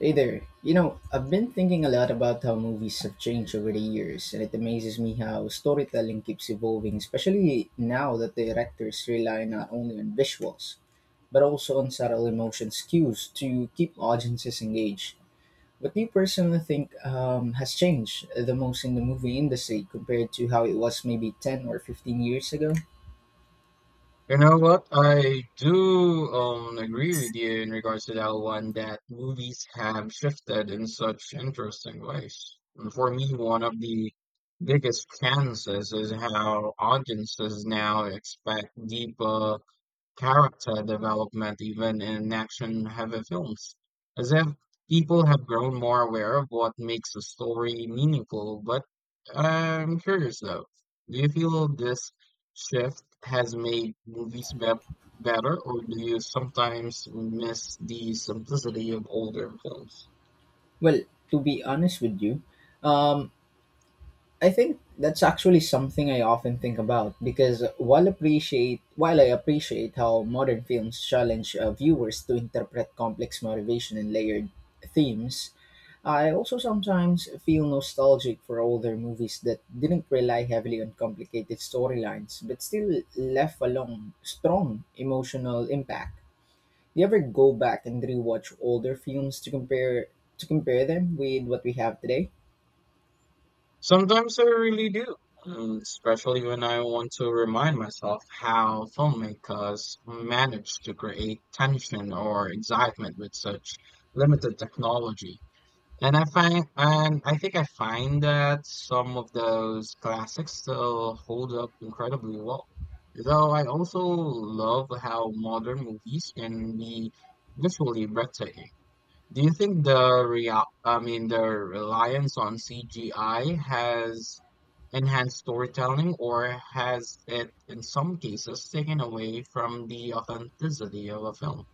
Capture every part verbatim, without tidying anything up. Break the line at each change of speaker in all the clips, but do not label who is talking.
Hey there. You know, I've been thinking a lot about how movies have changed over the years, and it amazes me how storytelling keeps evolving, especially now that the directors rely not only on visuals, but also on subtle emotions cues to keep audiences engaged. What do you personally think um, has changed the most in the movie industry compared to how it was maybe ten or fifteen years ago?
You know what? I do um agree with you in regards to that one that movies have shifted in such interesting ways. And for me, one of the biggest chances is how audiences now expect deeper character development even in action heavy films, as if people have grown more aware of what makes a story meaningful. But I'm curious though, do you feel this shift has made movies be- better, or do you sometimes miss the simplicity of older films?
Well, to be honest with you, um, I think that's actually something I often think about because while appreciate while I appreciate how modern films challenge uh, viewers to interpret complex motivation and layered themes. I also sometimes feel nostalgic for older movies that didn't rely heavily on complicated storylines but still left a long, strong emotional impact. Do you ever go back and rewatch older films to compare to compare them with what we have today?
Sometimes I really do, mm, especially when I want to remind myself how filmmakers managed to create tension or excitement with such limited technology. And I find, and I think I find that some of those classics still hold up incredibly well. Though I also love how modern movies can be visually breathtaking. Do you think the real, I mean, the reliance on C G I has enhanced storytelling, or has it, in some cases, taken away from the authenticity of a film?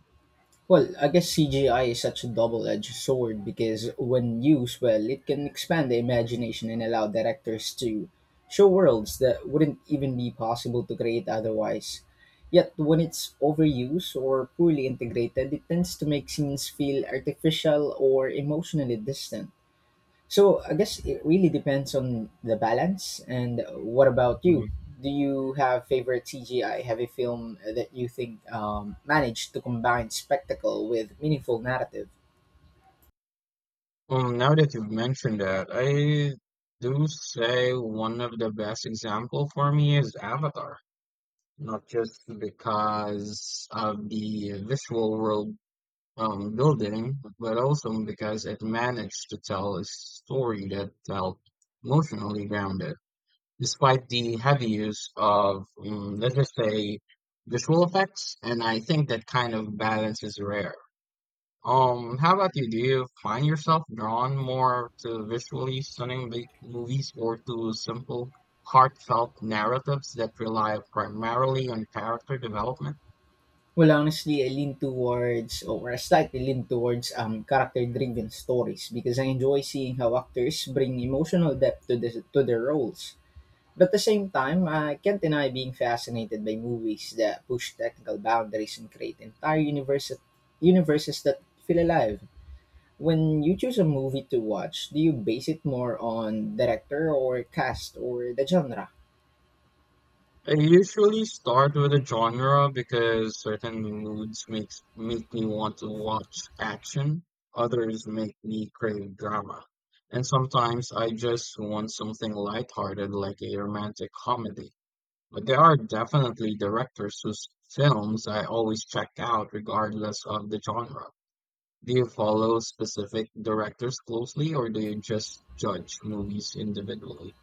Well, I guess C G I is such a double edged sword because when used well, it can expand the imagination and allow directors to show worlds that wouldn't even be possible to create otherwise. Yet, when it's overused or poorly integrated, it tends to make scenes feel artificial or emotionally distant. So I guess it really depends on the balance. And what about you?
Mhm.
Do you have favorite C G I heavy film uh, that you think um, managed to combine spectacle with meaningful narrative?
Well, now that you've mentioned that, I do say one of the best example for me is Avatar, not just because of the visual world um, building, but also because it managed to tell a story that felt emotionally grounded, despite the heavy use of, um, let's just say, visual effects. And I think that kind of balance is rare. Um, how about you? Do you find yourself drawn more to visually stunning big movies or to simple, heartfelt narratives that rely primarily on character development?
Well, honestly, I lean towards, or I slightly lean towards, um, character-driven stories because I enjoy seeing how actors bring emotional depth to the, to their roles. But at the same time, I can't deny being fascinated by movies that push technical boundaries and create entire universes, universes that feel alive. When you choose a movie to watch, do you base it more on director or cast or the genre?
I usually start with a genre because certain moods makes make me want to watch action, others make me crave drama, and sometimes I just want something lighthearted like a romantic comedy. But there are definitely directors whose films I always check out regardless of the genre. Do you follow specific directors closely, or do you just judge movies individually?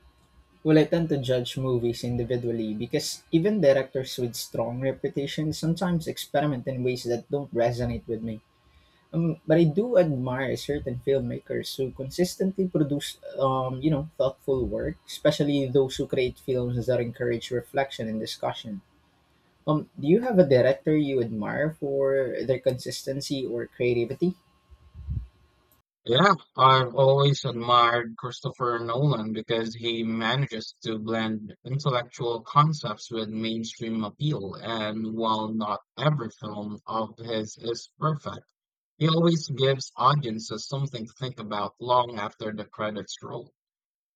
Well, I tend to judge movies individually because even directors with strong reputations sometimes experiment in ways that don't resonate with me. Um, but I do admire certain filmmakers who consistently produce, um, you know, thoughtful work, especially those who create films that encourage reflection and discussion. Um, do you have a director you admire for their consistency or creativity?
Yeah, I've always admired Christopher Nolan because he manages to blend intellectual concepts with mainstream appeal, and while not every film of his is perfect, he always gives audiences something to think about long after the credits roll.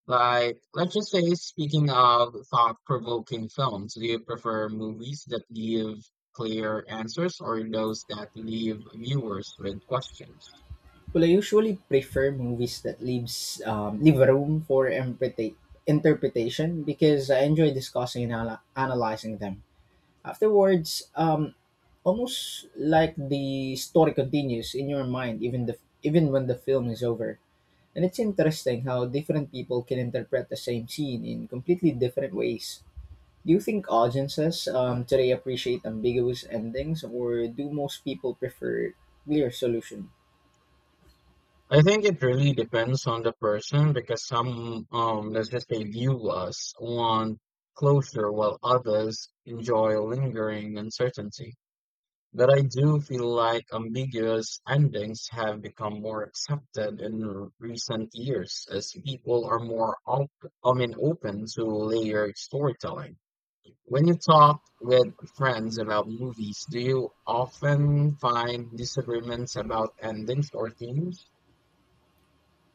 Like, let's just say, speaking of thought-provoking films, do you prefer movies that give clear answers or those that leave viewers with questions?
Well, I usually prefer movies that leaves um, leave room for interpreta- interpretation because I enjoy discussing and ana- analyzing them afterwards. Um, almost like the story continues in your mind, even the even when the film is over. And it's interesting how different people can interpret the same scene in completely different ways. Do you think audiences um, today appreciate ambiguous endings, or do most people prefer clear solution?
I think it really depends on the person because some, um, let's just say viewers want closure while others enjoy lingering uncertainty. But I do feel like ambiguous endings have become more accepted in r- recent years as people are more op- I mean, open to layered storytelling. When you talk with friends about movies, do you often find disagreements about endings or themes?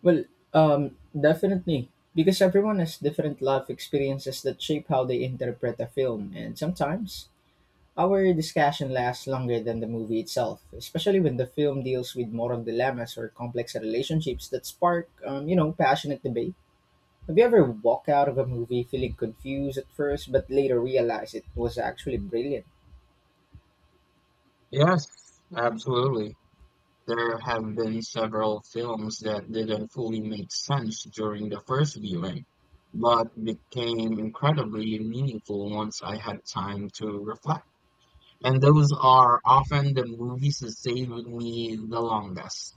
Well, um, definitely, because everyone has different life experiences that shape how they interpret a film, and sometimes our discussion lasts longer than the movie itself, especially when the film deals with moral dilemmas or complex relationships that spark, um, you know, passionate debate. Have you ever walked out of a movie feeling confused at first, but later realized it was actually brilliant?
Yes, absolutely. There have been several films that didn't fully make sense during the first viewing, but became incredibly meaningful once I had time to reflect. And those are often the movies that stay with me the longest.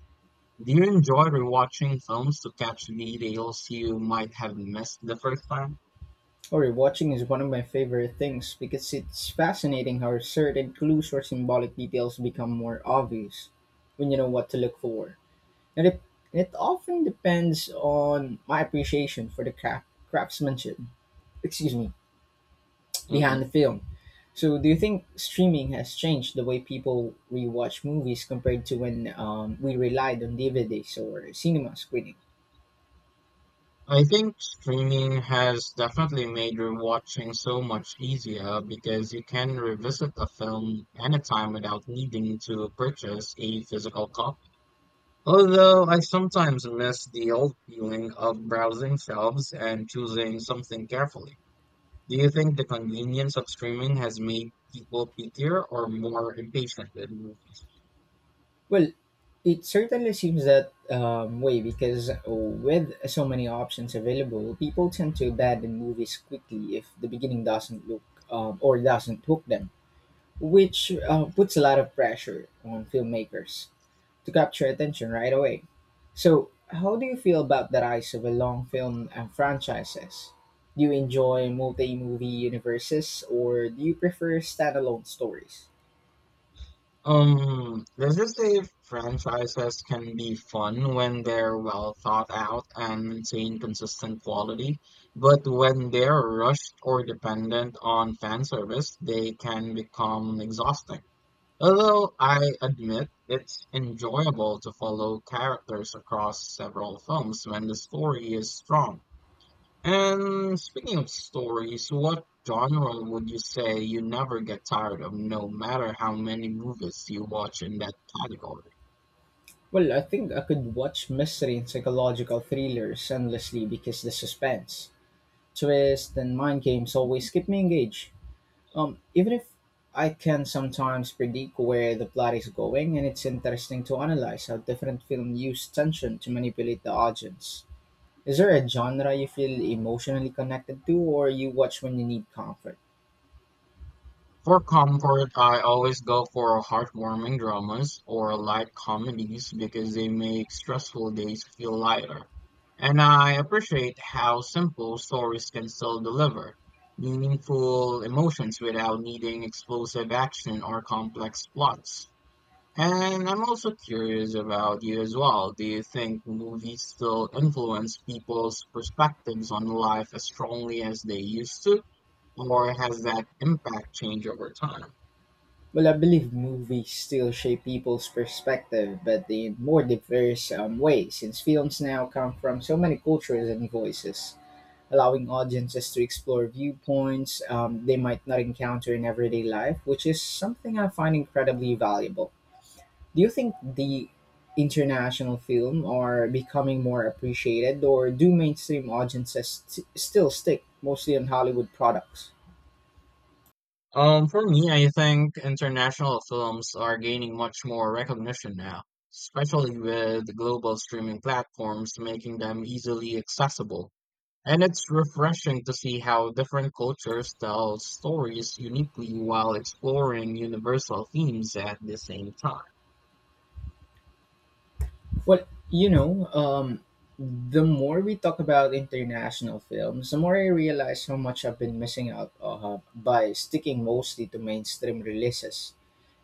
Do you enjoy rewatching films to catch details you might have missed the first time?
Or rewatching is one of my favorite things because it's fascinating how certain clues or symbolic details become more obvious when you know what to look for. And it, it often depends on my appreciation for the craft, craftsmanship. Excuse me, behind
Mhm.
the film. So, do you think streaming has changed the way people rewatch movies compared to when um, we relied on D V Ds or cinema screening?
I think streaming has definitely made rewatching so much easier because you can revisit a film anytime without needing to purchase a physical copy. Although I sometimes miss the old feeling of browsing shelves and choosing something carefully. Do you think the convenience of streaming has made people pickier or more impatient with movies?
Well, it certainly seems that um, way because uh, with so many options available, people tend to abandon movies quickly if the beginning doesn't look um, or doesn't hook them, which uh, puts a lot of pressure on filmmakers to capture attention right away. So, how do you feel about the rise of a long film and franchises? Do you enjoy multi movie universes or do you prefer standalone stories?
Um, this is say franchises can be fun when they're well thought out and maintain consistent quality, but when they're rushed or dependent on fan service, they can become exhausting. Although I admit it's enjoyable to follow characters across several films when the story is strong. And speaking of stories, what genre would you say you never get tired of, no matter how many movies you watch in that category?
Well, I think I could watch mystery and psychological thrillers endlessly because the suspense, twist, and mind games always keep me engaged. Um, even if I can sometimes predict where the plot is going, and it's interesting to analyze how different films use tension to manipulate the audience. Is there a genre you feel emotionally connected to or you watch when you need comfort?
For comfort, I always go for heartwarming dramas or light comedies because they make stressful days feel lighter. And I appreciate how simple stories can still deliver meaningful emotions without needing explosive action or complex plots. And I'm also curious about you as well. Do you think movies still influence people's perspectives on life as strongly as they used to, or has that impact changed over time?
Well, I believe movies still shape people's perspective, but in more diverse um, ways, since films now come from so many cultures and voices, allowing audiences to explore viewpoints um, they might not encounter in everyday life, which is something I find incredibly valuable. Do you think the international film are becoming more appreciated, or do mainstream audiences st- still stick mostly on Hollywood products?
Um, for me, I think international films are gaining much more recognition now, especially with global streaming platforms making them easily accessible. And it's refreshing to see how different cultures tell stories uniquely while exploring universal themes at the same time.
Well, you know, um, the more we talk about international films, the more I realize how much I've been missing out uh, by sticking mostly to mainstream releases.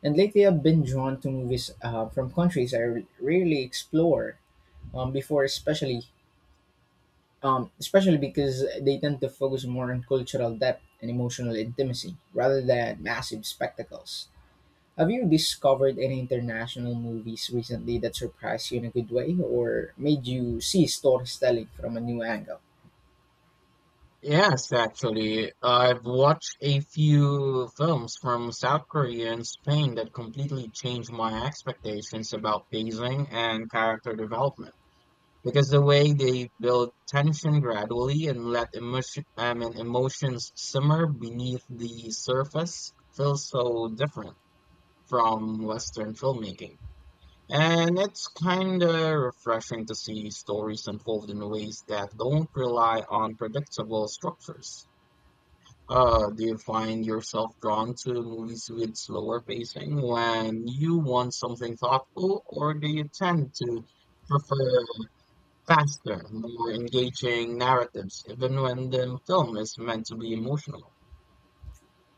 And lately, I've been drawn to movies uh, from countries I r- rarely explore um, before, especially um, especially because they tend to focus more on cultural depth and emotional intimacy rather than massive spectacles. Have you discovered any international movies recently that surprised you in a good way or made you see storytelling from a new angle?
Yes, actually, I've watched a few films from South Korea and Spain that completely changed my expectations about pacing and character development. Because the way they build tension gradually and let emotion, I mean, emotions simmer beneath the surface feels so different from Western filmmaking. And it's kind of refreshing to see stories unfold in ways that don't rely on predictable structures. Uh, do you find yourself drawn to movies with slower pacing when you want something thoughtful, or do you tend to prefer faster, more engaging narratives, even when the film is meant to be emotional?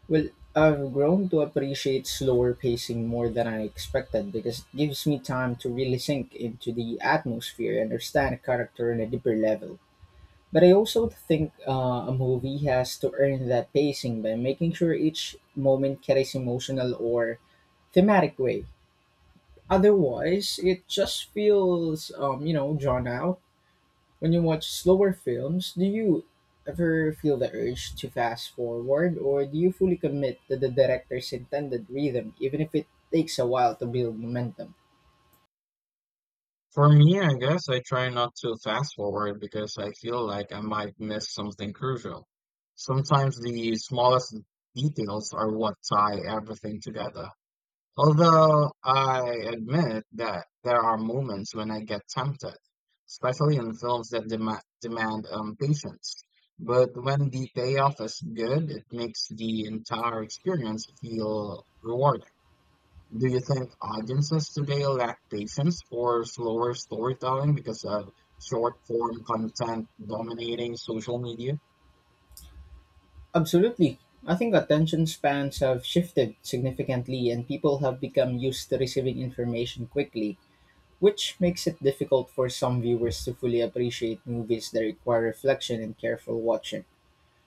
Well, I've grown to appreciate slower pacing more than I expected because it gives me time to really sink into the atmosphere and understand a character on a deeper level. But I also think uh, a movie has to earn that pacing by making sure each moment carries emotional or thematic weight. Otherwise, it just feels, um, you know, drawn out. When you watch slower films, do you ever feel the urge to fast forward, or do you fully commit to the director's intended rhythm, even if it takes a while to build momentum?
For me, I guess I try not to fast forward because I feel like I might miss something crucial. Sometimes the smallest details are what tie everything together. Although I admit that there are moments when I get tempted, especially in films that dema demand um, patience. But when the payoff is good, it makes the entire experience feel rewarding. Do you think audiences today lack patience for slower storytelling because of short form content dominating social media?
Absolutely. I think attention spans have shifted significantly and people have become used to receiving information quickly, which makes it difficult for some viewers to fully appreciate movies that require reflection and careful watching.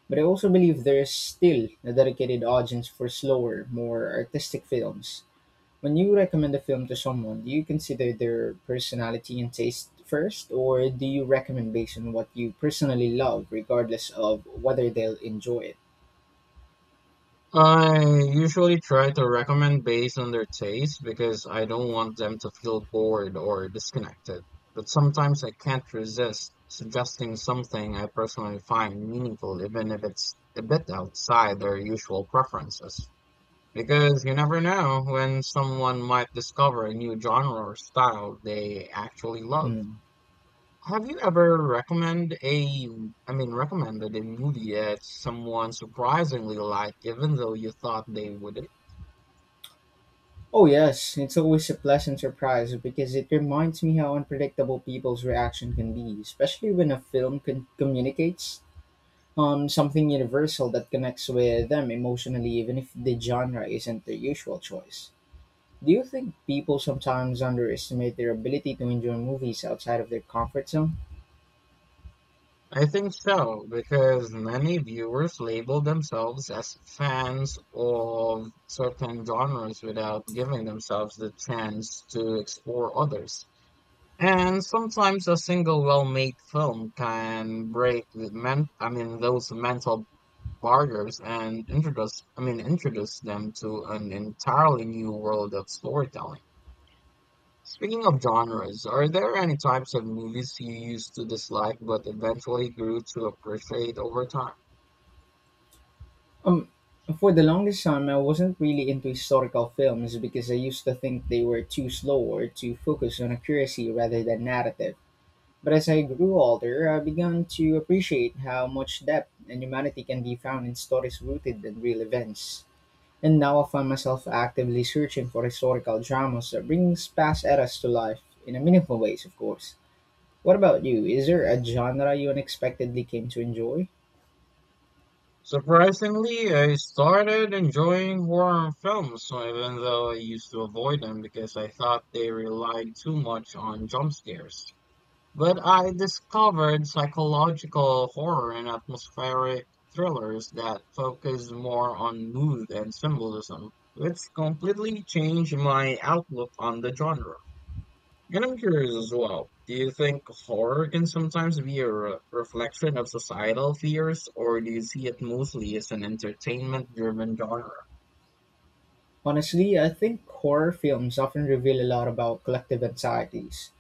But I also believe there is still a dedicated audience for slower, more artistic films. When you recommend a film to someone, do you consider their personality and taste first, or do you recommend based on what you personally love, regardless of whether they'll enjoy it?
I usually try to recommend based on their taste because I don't want them to feel bored or disconnected. But sometimes I can't resist suggesting something I personally find meaningful, even if it's a bit outside their usual preferences. Because you never know when someone might discover a new genre or style they actually love.
Hmm.
Have you ever recommend a, I mean, recommended a movie that someone surprisingly liked, even though you thought they wouldn't?
Oh, yes, it's always a pleasant surprise because it reminds me how unpredictable people's reaction can be, especially when a film con- communicates um, something universal that connects with them emotionally, even if the genre isn't their usual choice. Do you think people sometimes underestimate their ability to enjoy movies outside of their comfort zone?
I think so, because many viewers label themselves as fans of certain genres without giving themselves the chance to explore others. And sometimes a single well-made film can break the men I mean those mental barriers and introduce I mean introduce them to an entirely new world of storytelling. Speaking of genres, are there any types of movies you used to dislike but eventually grew to appreciate over time?
Um, for the longest time, I wasn't really into historical films because I used to think they were too slow or too focused on accuracy rather than narrative. But as I grew older, I began to appreciate how much depth and humanity can be found in stories rooted in real events. And now I find myself actively searching for historical dramas that brings past eras to life in a meaningful ways, of course. What about you? Is there a genre you unexpectedly came to enjoy?
Surprisingly, I started enjoying horror films, so even though I used to avoid them because I thought they relied too much on jump scares. But I discovered psychological horror and atmospheric thrillers that focus more on mood and symbolism. It's completely changed my outlook on the genre. And I'm curious as well. Do you think horror can sometimes be a re- reflection of societal fears, or do you see it mostly as an entertainment-driven genre?
Honestly, I think horror films often reveal a lot about collective anxieties,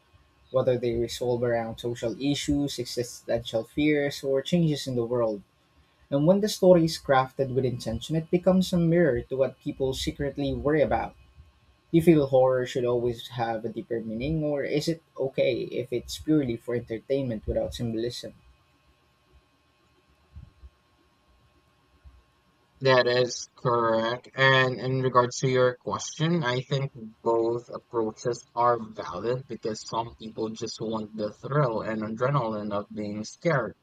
whether they resolve around social issues, existential fears, or changes in the world. And when the story is crafted with intention, it becomes a mirror to what people secretly worry about. Do you feel horror should always have a deeper meaning, or is it okay if it's purely for entertainment without symbolism?
That is correct. And in regards to your question, I think both approaches are valid because some people just want the thrill and adrenaline of being scared,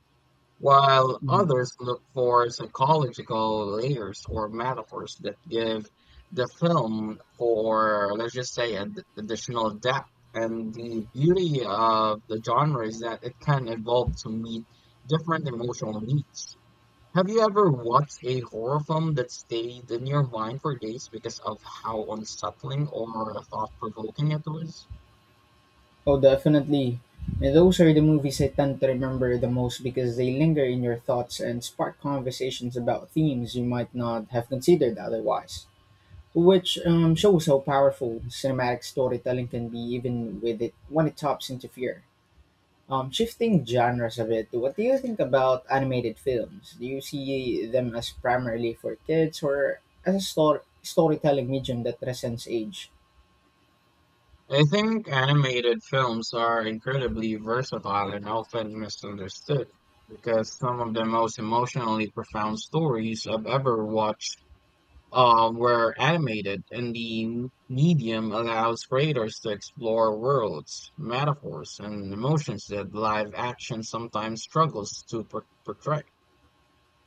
while
Hmm.
others look for psychological layers or metaphors that give the film, for let's just say, ad- additional depth. And the beauty of the genre is that it can evolve to meet different emotional needs. Have you ever watched a horror film that stayed in your mind for days because of how unsettling or thought-provoking it was?
Oh, definitely. And those are the movies I tend to remember the most because they linger in your thoughts and spark conversations about themes you might not have considered otherwise. Which um, shows how powerful cinematic storytelling can be, even with it when it taps into fear. Um, shifting genres a bit, what do you think about animated films? Do you see them as primarily for kids or as a stor- storytelling medium that transcends age?
I think animated films are incredibly versatile and often misunderstood because some of the most emotionally profound stories I've ever watched uh, were animated, and the m- medium allows creators to explore worlds, metaphors, and emotions that live action sometimes struggles to por- portray.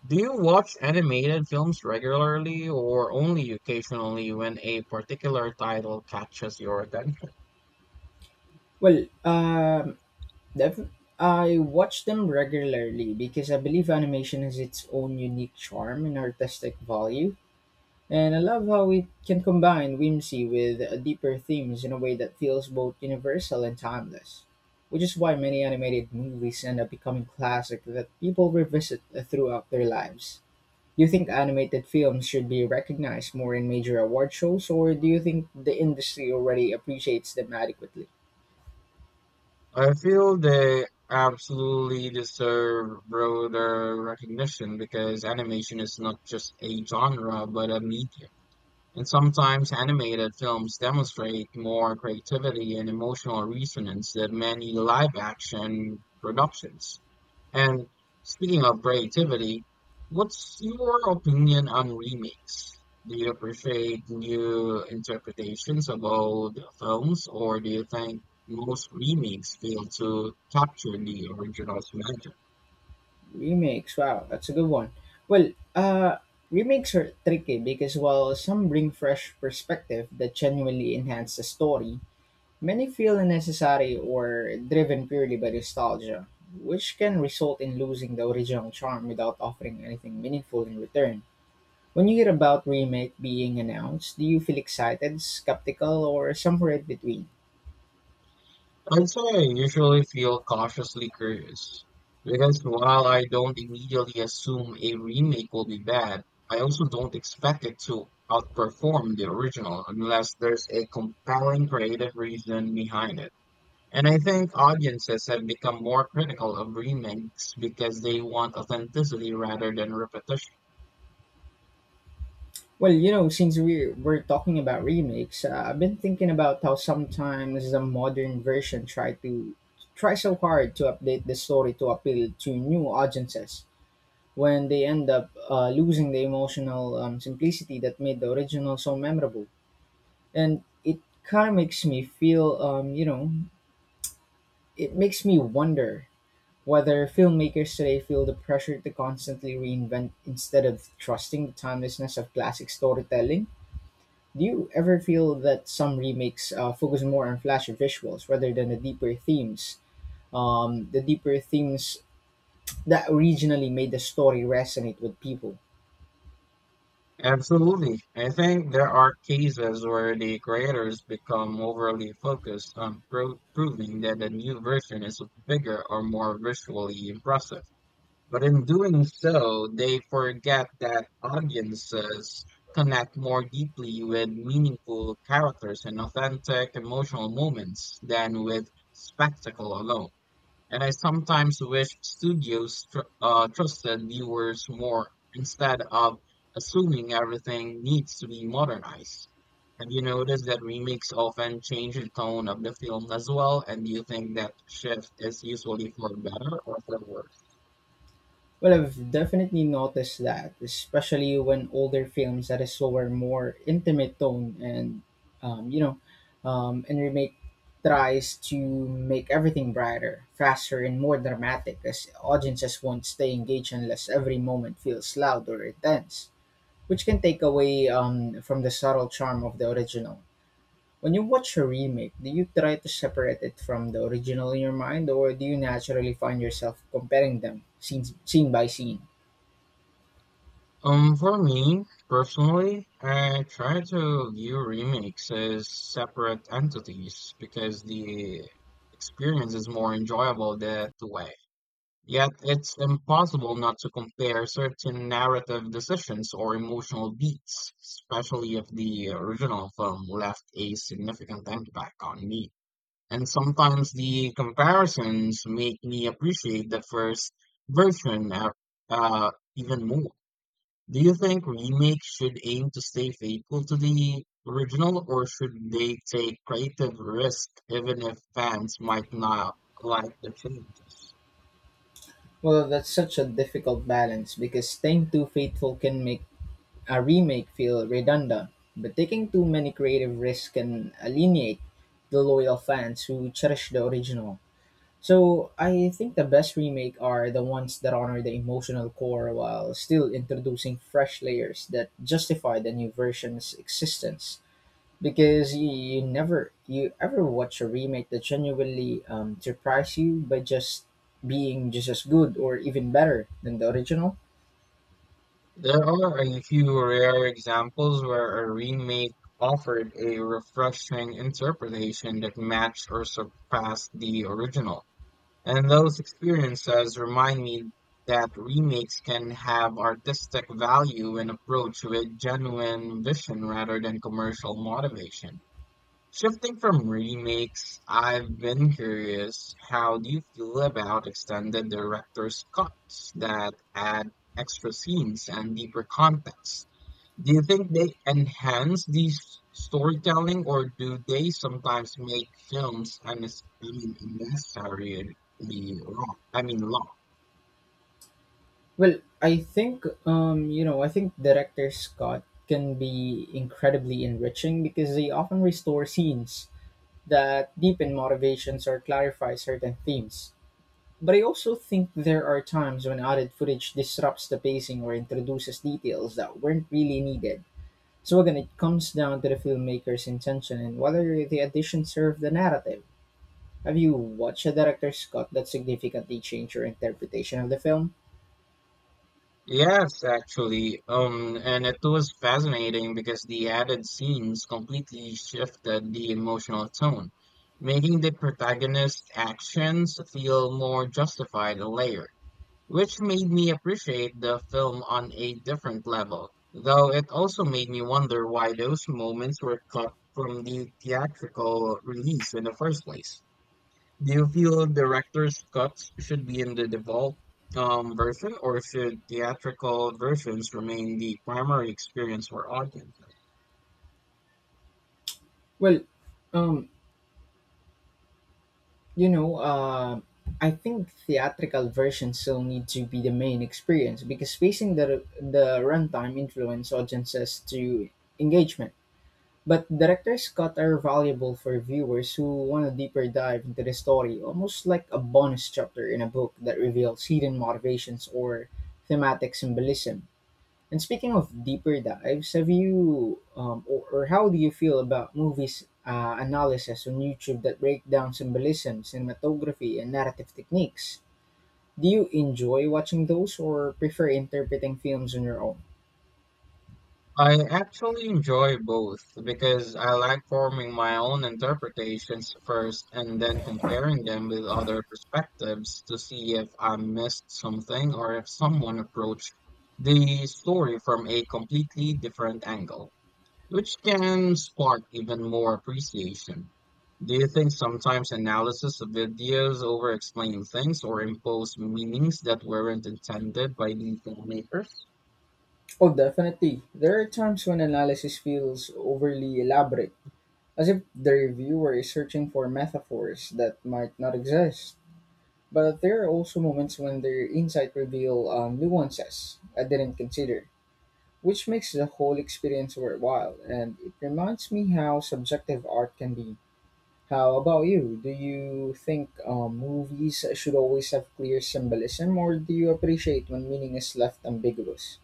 Do you watch animated films regularly or only occasionally when a particular title catches your attention?
Well, um, def- I watch them regularly because I believe animation has its own unique charm and artistic value. And I love how it can combine whimsy with uh, deeper themes in a way that feels both universal and timeless, which is why many animated movies end up becoming classic that people revisit uh, throughout their lives. Do you think animated films should be recognized more in major award shows, or do you think the industry already appreciates them adequately?
I feel they absolutely deserve broader recognition because animation is not just a genre but a medium. And sometimes animated films demonstrate more creativity and emotional resonance than many live action productions. And speaking of creativity, what's your opinion on remakes? Do you appreciate new interpretations of old films, or do you think most remakes fail to capture the original's magic?
Remakes, wow, that's a good one. Well, uh, remakes are tricky because while some bring fresh perspective that genuinely enhance the story, many feel unnecessary or driven purely by nostalgia, which can result in losing the original charm without offering anything meaningful in return. When you hear about remake being announced, do you feel excited, skeptical, or somewhere in between?
I'd say I usually feel cautiously curious because while I don't immediately assume a remake will be bad, I also don't expect it to outperform the original unless there's a compelling creative reason behind it. And I think audiences have become more critical of remakes because they want authenticity rather than repetition.
Well, you know, since we're, we're talking about remakes, uh, I've been thinking about how sometimes the modern version try to try so hard to update the story to appeal to new audiences when they end up uh, losing the emotional um, simplicity that made the original so memorable. And it kind of makes me feel, um, you know, it makes me wonder whether filmmakers today feel the pressure to constantly reinvent instead of trusting the timelessness of classic storytelling. Do you ever feel that some remakes uh, focus more on flashy visuals rather than the deeper themes? Um, the deeper themes that originally made the story resonate with people.
Absolutely. I think there are cases where the creators become overly focused on pro- proving that the new version is bigger or more visually impressive. But in doing so, they forget that audiences connect more deeply with meaningful characters and authentic emotional moments than with spectacle alone. And I sometimes wish studios tr- uh, trusted viewers more instead of assuming everything needs to be modernized. Have you noticed that remakes often change the tone of the film as well? And do you think that shift is usually for better or for worse?
Well, I've definitely noticed that, especially when older films had a slower, more intimate tone, and um, you know, um, and remake tries to make everything brighter, faster, and more dramatic, as audiences won't stay engaged unless every moment feels loud or intense, which can take away um, from the subtle charm of the original. When you watch a remake, do you try to separate it from the original in your mind, or do you naturally find yourself comparing them scene, scene by scene?
Um, for me personally, I try to view remakes as separate entities because the experience is more enjoyable that way. Yet it's impossible not to compare certain narrative decisions or emotional beats, especially if the original film left a significant impact on me. And sometimes the comparisons make me appreciate the first version uh, uh, even more. Do you think remakes should aim to stay faithful to the original, or should they take creative risk even if fans might not like the changes?
Well, that's such a difficult balance because staying too faithful can make a remake feel redundant, but taking too many creative risks can alienate the loyal fans who cherish the original. So, I think the best remake are the ones that honor the emotional core while still introducing fresh layers that justify the new version's existence because you, you never you ever watch a remake that genuinely um, surprised you by just being just as good or even better than the original.
There are a few rare examples where a remake offered a refreshing interpretation that matched or surpassed the original. And those experiences remind me that remakes can have artistic value when approached with genuine vision rather than commercial motivation. Shifting from remakes, I've been curious, how do you feel about extended director's cuts that add extra scenes and deeper context? Do you think they enhance the s- storytelling, or do they sometimes make films unnecessarily unnecessarily long? I mean, long.
Well i think um you know i think director scott can be incredibly enriching because they often restore scenes that deepen motivations or clarify certain themes, but I also think there are times when added footage disrupts the pacing or introduces details that weren't really needed. So again, it comes down to the filmmaker's intention and whether the addition served the narrative. Have you watched a director's cut that significantly changed your interpretation of the film?
Yes, actually. Um, and it was fascinating because the added scenes completely shifted the emotional tone, making the protagonist's actions feel more justified and layered, which made me appreciate the film on a different level. Though it also made me wonder why those moments were cut from the theatrical release in the first place. Do you feel director's cuts should be in the default um, version, or should theatrical versions remain the primary experience for audiences?
Well, um, you know, uh, I think theatrical versions still need to be the main experience because spacing the the runtime influence audiences to engagement. But director's cut are valuable for viewers who want a deeper dive into the story, almost like a bonus chapter in a book that reveals hidden motivations or thematic symbolism. And speaking of deeper dives, have you um, or, or how do you feel about movies uh, analysis on YouTube that break down symbolism, cinematography, and narrative techniques? Do you enjoy watching those or prefer interpreting films on your own?
I actually enjoy both because I like forming my own interpretations first and then comparing them with other perspectives to see if I missed something or if someone approached the story from a completely different angle, which can spark even more appreciation. Do you think sometimes analysis of videos over explain things or impose meanings that weren't intended by the filmmakers?
Oh, definitely. There are times when analysis feels overly elaborate as if the reviewer is searching for metaphors that might not exist. But there are also moments when their insight reveal um, nuances I didn't consider, which makes the whole experience worthwhile. And it reminds me how subjective art can be. How about you? Do you think um, movies should always have clear symbolism, or do you appreciate when meaning is left ambiguous?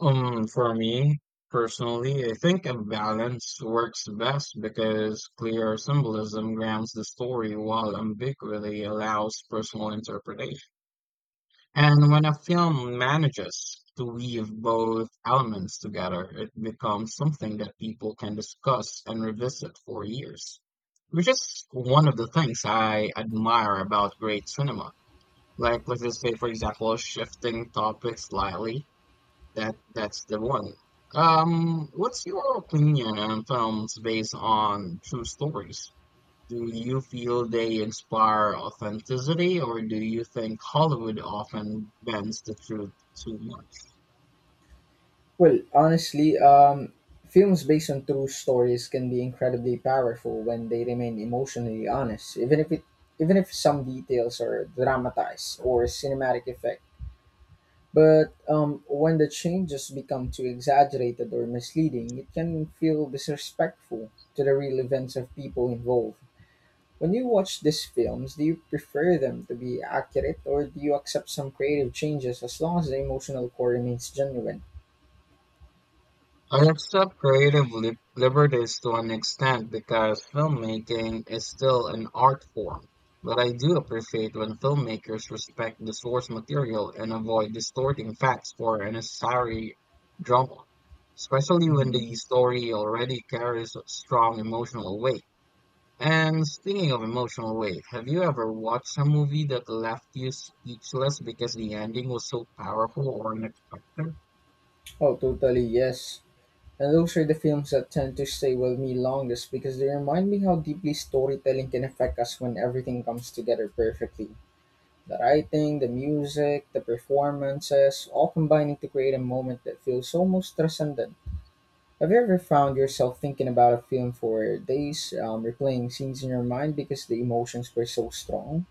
Um, for me personally, I think a balance works best because clear symbolism grounds the story while ambiguity allows personal interpretation. And when a film manages to weave both elements together, it becomes something that people can discuss and revisit for years, which is one of the things I admire about great cinema. Like, let's just say, for example, shifting topics slightly. That that's the one. Um, what's your opinion on films based on true stories? Do you feel they inspire authenticity, or do you think Hollywood often bends the truth too much?
Well, honestly, um, films based on true stories can be incredibly powerful when they remain emotionally honest, even if it even if some details are dramatized or cinematic effect. But um, when the changes become too exaggerated or misleading, it can feel disrespectful to the real events of people involved. When you watch these films, do you prefer them to be accurate or do you accept some creative changes as long as the emotional core remains genuine?
I accept creative lib liberties to an extent because filmmaking is still an art form, but I do appreciate when filmmakers respect the source material and avoid distorting facts for a necessary drama, especially when
Mhm.
the story already carries a strong emotional weight. And speaking of emotional weight, have you ever watched a movie that left you speechless because the ending was so powerful or unexpected?
Oh, totally, yes. And those are the films that tend to stay with me longest because they remind me how deeply storytelling can affect us when everything comes together perfectly. The writing, the music, the performances, all combining to create a moment that feels almost transcendent. Have you ever found yourself thinking about a film for days, um, replaying scenes in your mind because the emotions were so strong?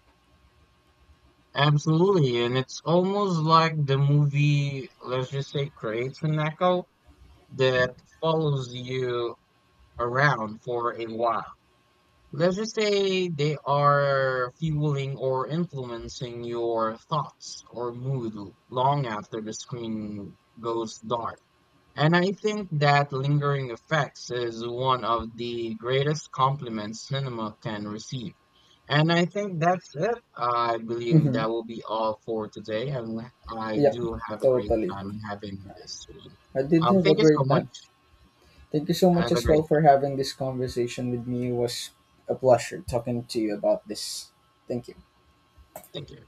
Absolutely, and it's almost like the movie, let's just say, creates an echo that follows you around for a while. Let's just say they are fueling or influencing your thoughts or mood long after the screen goes dark. And I think that lingering effects is one of the greatest compliments cinema can receive. And I think that's it. I believe
Mm-hmm.
that will be all for today. And I
Yep,
do have a great
totally.
time having this one.
I did
Um,
have a
thank you so
great
much.
time. Thank you so much
Have a
as
great
well
day.
for having this conversation with me. It was a pleasure talking to you about this. Thank you.
Thank you.